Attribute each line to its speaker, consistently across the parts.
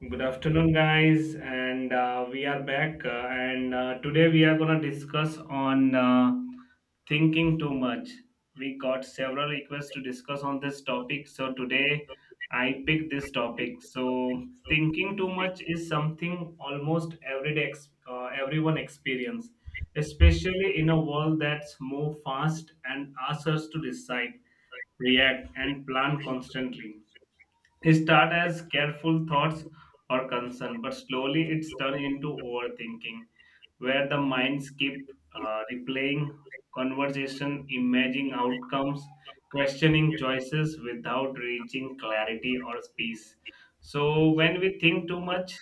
Speaker 1: Good afternoon, guys, and we are back. And Today we are gonna discuss on thinking too much. We got several requests to discuss on this topic, so today I picked this topic. So thinking too much is something almost everyday everyone experience, especially in a world that's move fast and asks us to decide, react, and plan constantly, it start as careful thoughts or concern, but slowly it's turned into overthinking, where the minds keep replaying conversation, imagining outcomes, questioning choices without reaching clarity or peace. So when we think too much,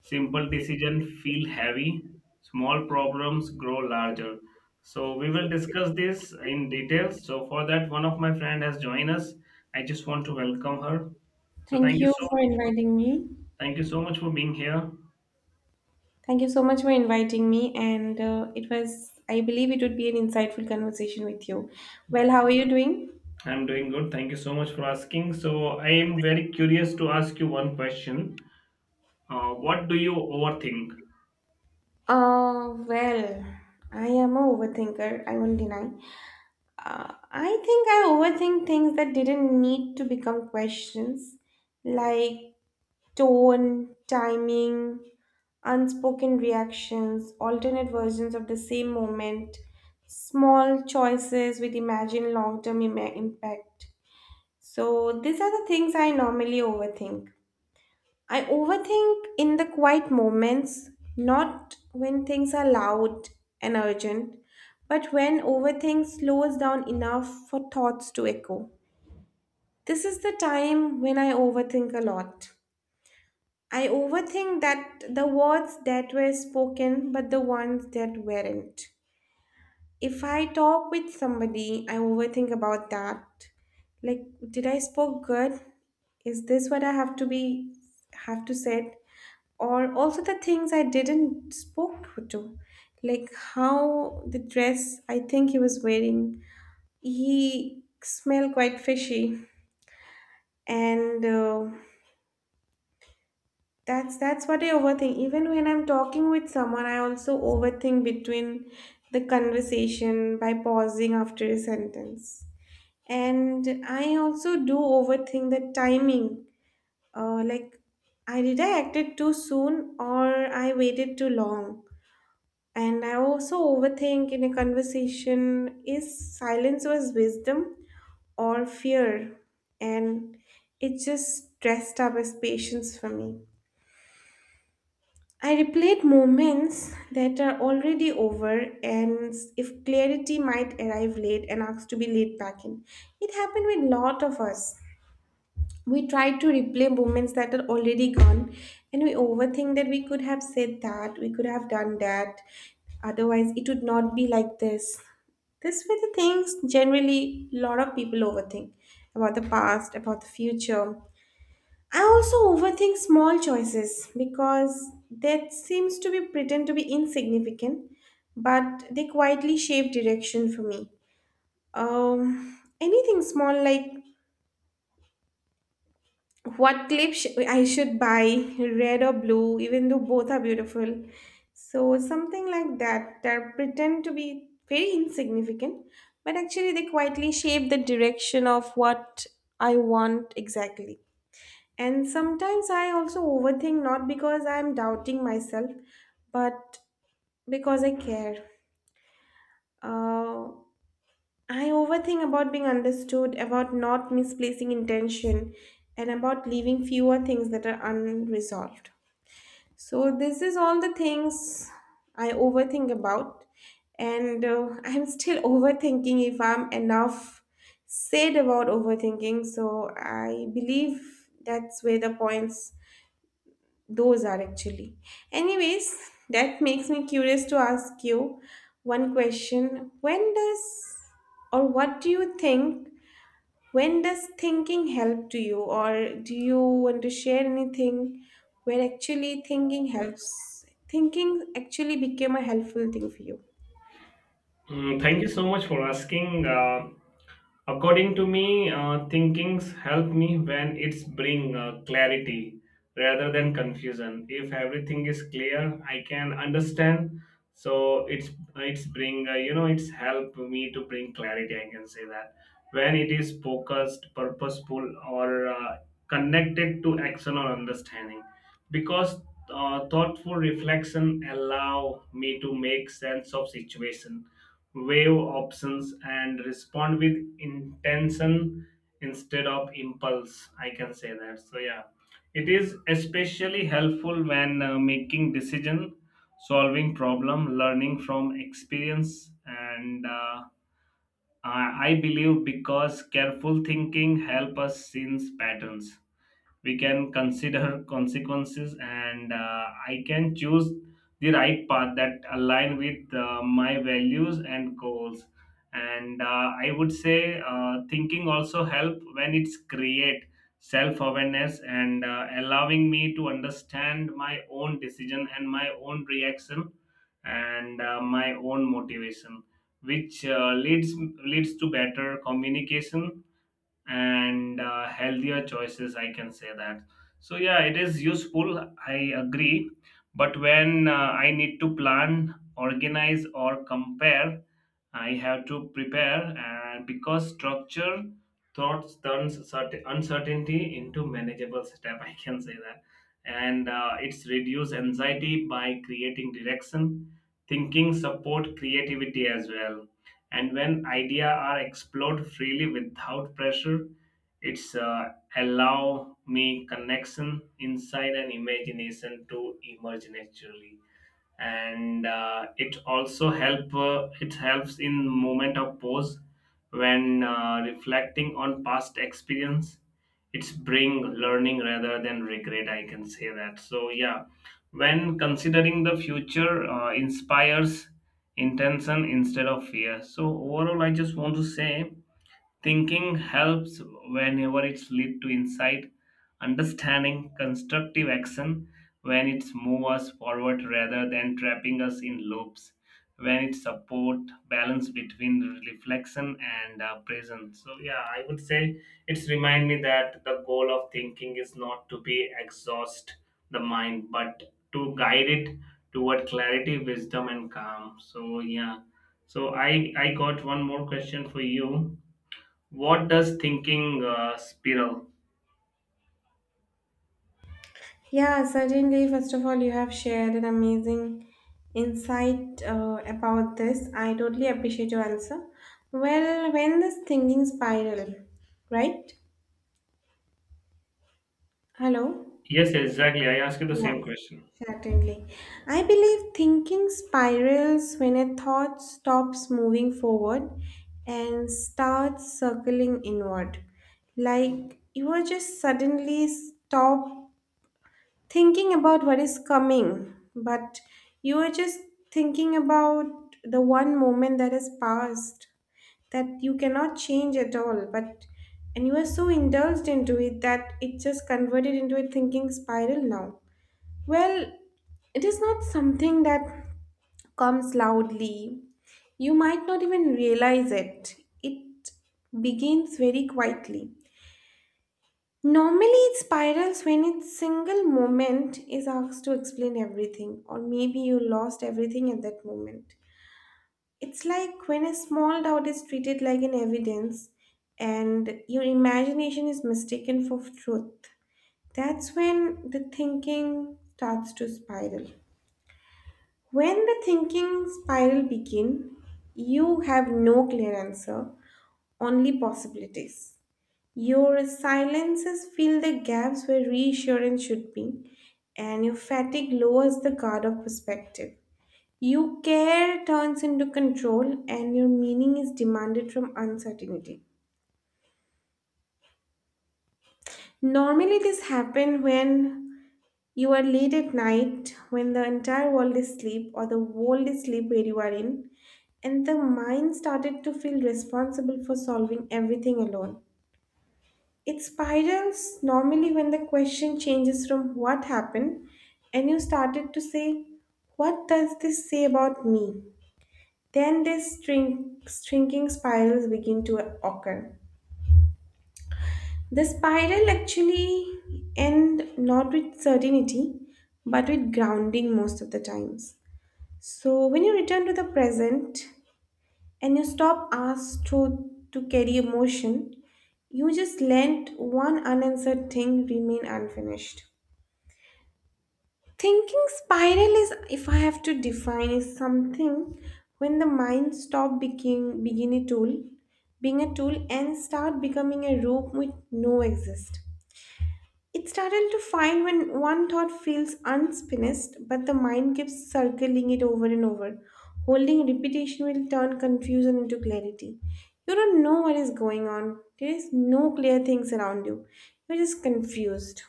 Speaker 1: simple decision feel heavy, small problems grow larger. So we will discuss this in details. So for that, one of my friend has joined us. I just want to welcome her. So
Speaker 2: Thank
Speaker 1: thank you
Speaker 2: you
Speaker 1: so
Speaker 2: for
Speaker 1: much. For,
Speaker 2: inviting me.
Speaker 1: thank you so much for being here.
Speaker 2: Thank you so much for inviting me. And it was, I believe it would be an insightful conversation with you. Well, how are you doing?
Speaker 1: I'm doing good. Thank you so much for asking. So I am very curious to ask you one question. What do you overthink?
Speaker 2: Uh, well, I am a overthinker, I won't deny. I think I overthink things that didn't need to become questions, like tone, timing, unspoken reactions, alternate versions of the same moment, small choices with imagined long term impact. So, these are the things I normally overthink. I overthink in the quiet moments, not when things are loud and urgent, but when overthink slows down enough for thoughts to echo. This is the time when I overthink a lot. I overthink that the words that were spoken, but the ones that weren't. If I talk with somebody, I overthink about that. Like, did I spoke good? Is this what I have to be have to say? Or also the things I didn't spoke to, like how the dress I think he was wearing, he smelled quite fishy, and that's what I overthink. Even when I'm talking with someone, I also overthink between the conversation by pausing after a sentence. And I also do overthink the timing. Like, I did I acted too soon or I waited too long. And I also overthink in a conversation is silence was wisdom or fear. And it just dressed up as patience for me. I replayed moments that are already over, and if clarity might arrive late and asked to be laid back in. It happened with lot of us. We try to replay moments that are already gone, and we overthink that we could have said that, we could have done that, otherwise, it would not be like this. These were the things generally a lot of people overthink about the past, about the future. I also overthink small choices because that seems to be pretend to be insignificant, but they quietly shape direction for me. Anything small like what clip I should buy, red or blue, even though both are beautiful. So something like that that pretend to be very insignificant, but actually they quietly shape the direction of what I want exactly. And sometimes I also overthink not because I'm doubting myself, but because I care. Uh, I overthink about being understood, about not misplacing intention, and about leaving fewer things that are unresolved. So, this is all the things I overthink about, and I'm still overthinking if I'm enough said about overthinking. So, I believe that's where the points Those are actually. Anyways, that makes me curious to ask you one question. When does or what do you think? When does thinking help to you, or do you want to share anything where actually thinking helps? Thinking actually became a helpful thing for you.
Speaker 1: Mm, thank you so much for asking. According to me, thinkings help me when it's bring clarity rather than confusion. If everything is clear, I can understand. So it's bring uh, it's help me to bring clarity. I can say that when it is focused, purposeful, or connected to action or understanding, because thoughtful reflection allow me to make sense of situation, wave options and respond with intention instead of impulse, I can say that. So yeah, it is especially helpful when making decision, solving problem, learning from experience, and i I believe because careful thinking help us sense patterns, we can consider consequences, and I can choose the right path that align with my values and goals. And I would say thinking also help when it's create self awareness, and allowing me to understand my own decision and my own reaction and my own motivation, which leads to better communication and healthier choices, I can say that. So yeah, it is useful, I agree. But when I need to plan, organize or compare, I have to prepare, and because structure thoughts turns certain uncertainty into manageable step. I can say that, and it's reduce anxiety by creating direction. Thinking support creativity as well, and when idea are explored freely without pressure, it's allow me connection inside and imagination to emerge naturally, and it helps in moment of pause when reflecting on past experience, it's bring learning rather than regret, I can say that. So yeah, when considering the future, inspires intention instead of fear. So overall, I just want to say thinking helps whenever it's lead to insight, understanding, constructive action, when it's move us forward rather than trapping us in loops, when it support balance between reflection and presence. So yeah, I would say it's remind me that the goal of thinking is not to be exhaust the mind, but to guide it toward clarity, wisdom, and calm. So yeah. So I got one more question for you, what does thinking spiral?
Speaker 2: Yeah, certainly. First of all, you have shared an amazing insight about this. I totally appreciate your answer. Well, when this thinking spiral, right? Hello?
Speaker 1: Yes, exactly. I asked you the
Speaker 2: Yeah,
Speaker 1: same question.
Speaker 2: certainly. I believe thinking spirals when a thought stops moving forward and starts circling inward. Like you are just suddenly stop thinking about what is coming, but you are just thinking about the one moment that has passed that you cannot change at all. But and you are so indulged into it that it just converted into a thinking spiral now. Well, it is not something that comes loudly. You might not even realize it. It begins very quietly. Normally, it spirals when a single moment is asked to explain everything, or maybe you lost everything at that moment. It's like when a small doubt is treated like an evidence and your imagination is mistaken for truth. That's when the thinking starts to spiral. When the thinking spiral begin, you have no clear answer, only possibilities. Your silences fill the gaps where reassurance should be, and your fatigue lowers the guard of perspective. Your care turns into control, and your meaning is demanded from uncertainty. Normally, this happens when you are late at night, when the entire world is asleep, or the world is asleep where you are in, and the mind started to feel responsible for solving everything alone. It spirals normally when the question changes from what happened and you started to say, what does this say about me? Then this string, shrinking spirals begin to occur. The spiral actually end not with certainty but with grounding most of the times. So when you return to the present and you stop asked to carry emotion, you just let one unanswered thing remain unfinished. Thinking spiral is, if I have to define, is something when the mind stop being begin a tool, being a tool, and start becoming a rope with no exist. It's startled to find when one thought feels unspinnest, but the mind keeps circling it over and over. Holding repetition will turn confusion into clarity. You don't know what is going on. There is no clear things around you. You're just confused.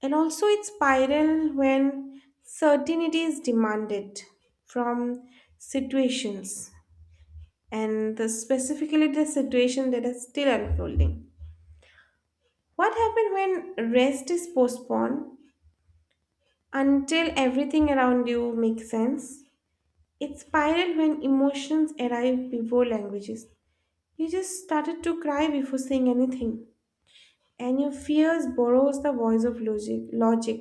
Speaker 2: And also, it's spiral when certainty is demanded from situations, and the, specifically the situation that is still unfolding. What happens when rest is postponed until everything around you makes sense? It spiral when emotions arrive before languages. You just started to cry before saying anything, and your fears borrows the voice of logic. Logic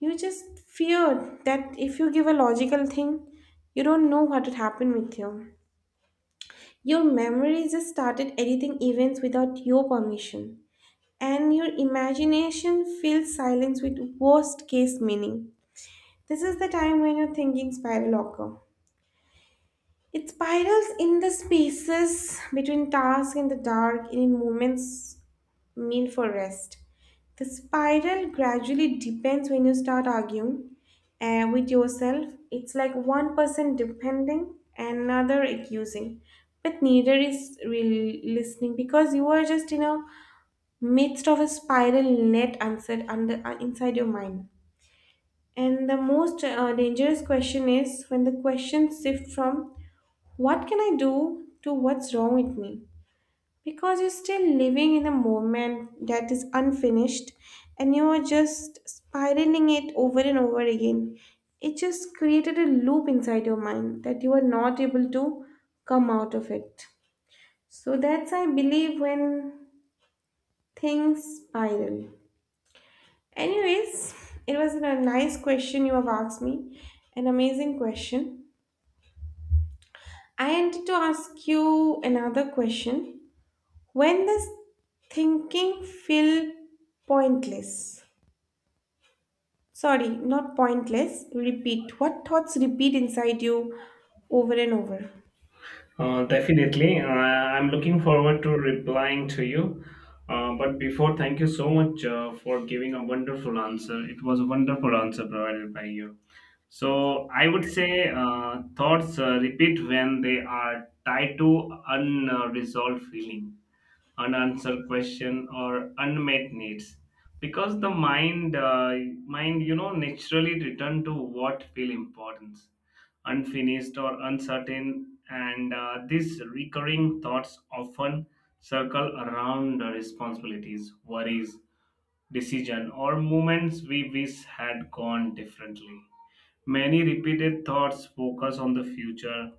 Speaker 2: You just fear that if you give a logical thing, you don't know what would happen with you. Your memory just started editing events without your permission, and your imagination fills silence with worst case meaning. This is the time when your thinking spiral occur. It spirals in the spaces between tasks in the dark, in moments mean for rest. The spiral gradually depends when you start arguing with yourself. It's like one person depending, and another accusing, but neither is really listening because you are just in a midst of a spiral net answered under inside your mind. And the most dangerous question is when the question shifts from what can I do to what's wrong with me. Because you're still living in a moment that is unfinished and you are just spiraling it over and over again. It just created a loop inside your mind that you are not able to come out of it. So that's, I believe, when things spiral. Anyways, it was a nice question you have asked me, an amazing question. I wanted to ask you another question. When does thinking feel pointless? Sorry, not pointless. Repeat. What thoughts repeat inside you over and over?
Speaker 1: Definitely. I'm looking forward to replying to you. But before, thank you so much for giving a wonderful answer. It was a wonderful answer provided by you. So I would say thoughts repeat when they are tied to unresolved feeling, unanswered question or unmet needs, because the mind naturally return to what feel important, unfinished or uncertain, and these recurring thoughts often circle around the responsibilities, worries, decision or moments we wish had gone differently. Many repeated thoughts focus on the future,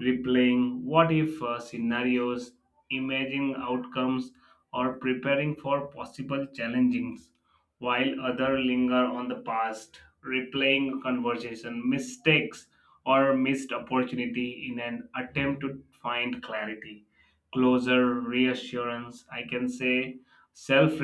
Speaker 1: replaying what if scenarios, imagining outcomes, or preparing for possible challenges, while others linger on the past, replaying conversation, mistakes, or missed opportunity in an attempt to find clarity, closer reassurance. I can say self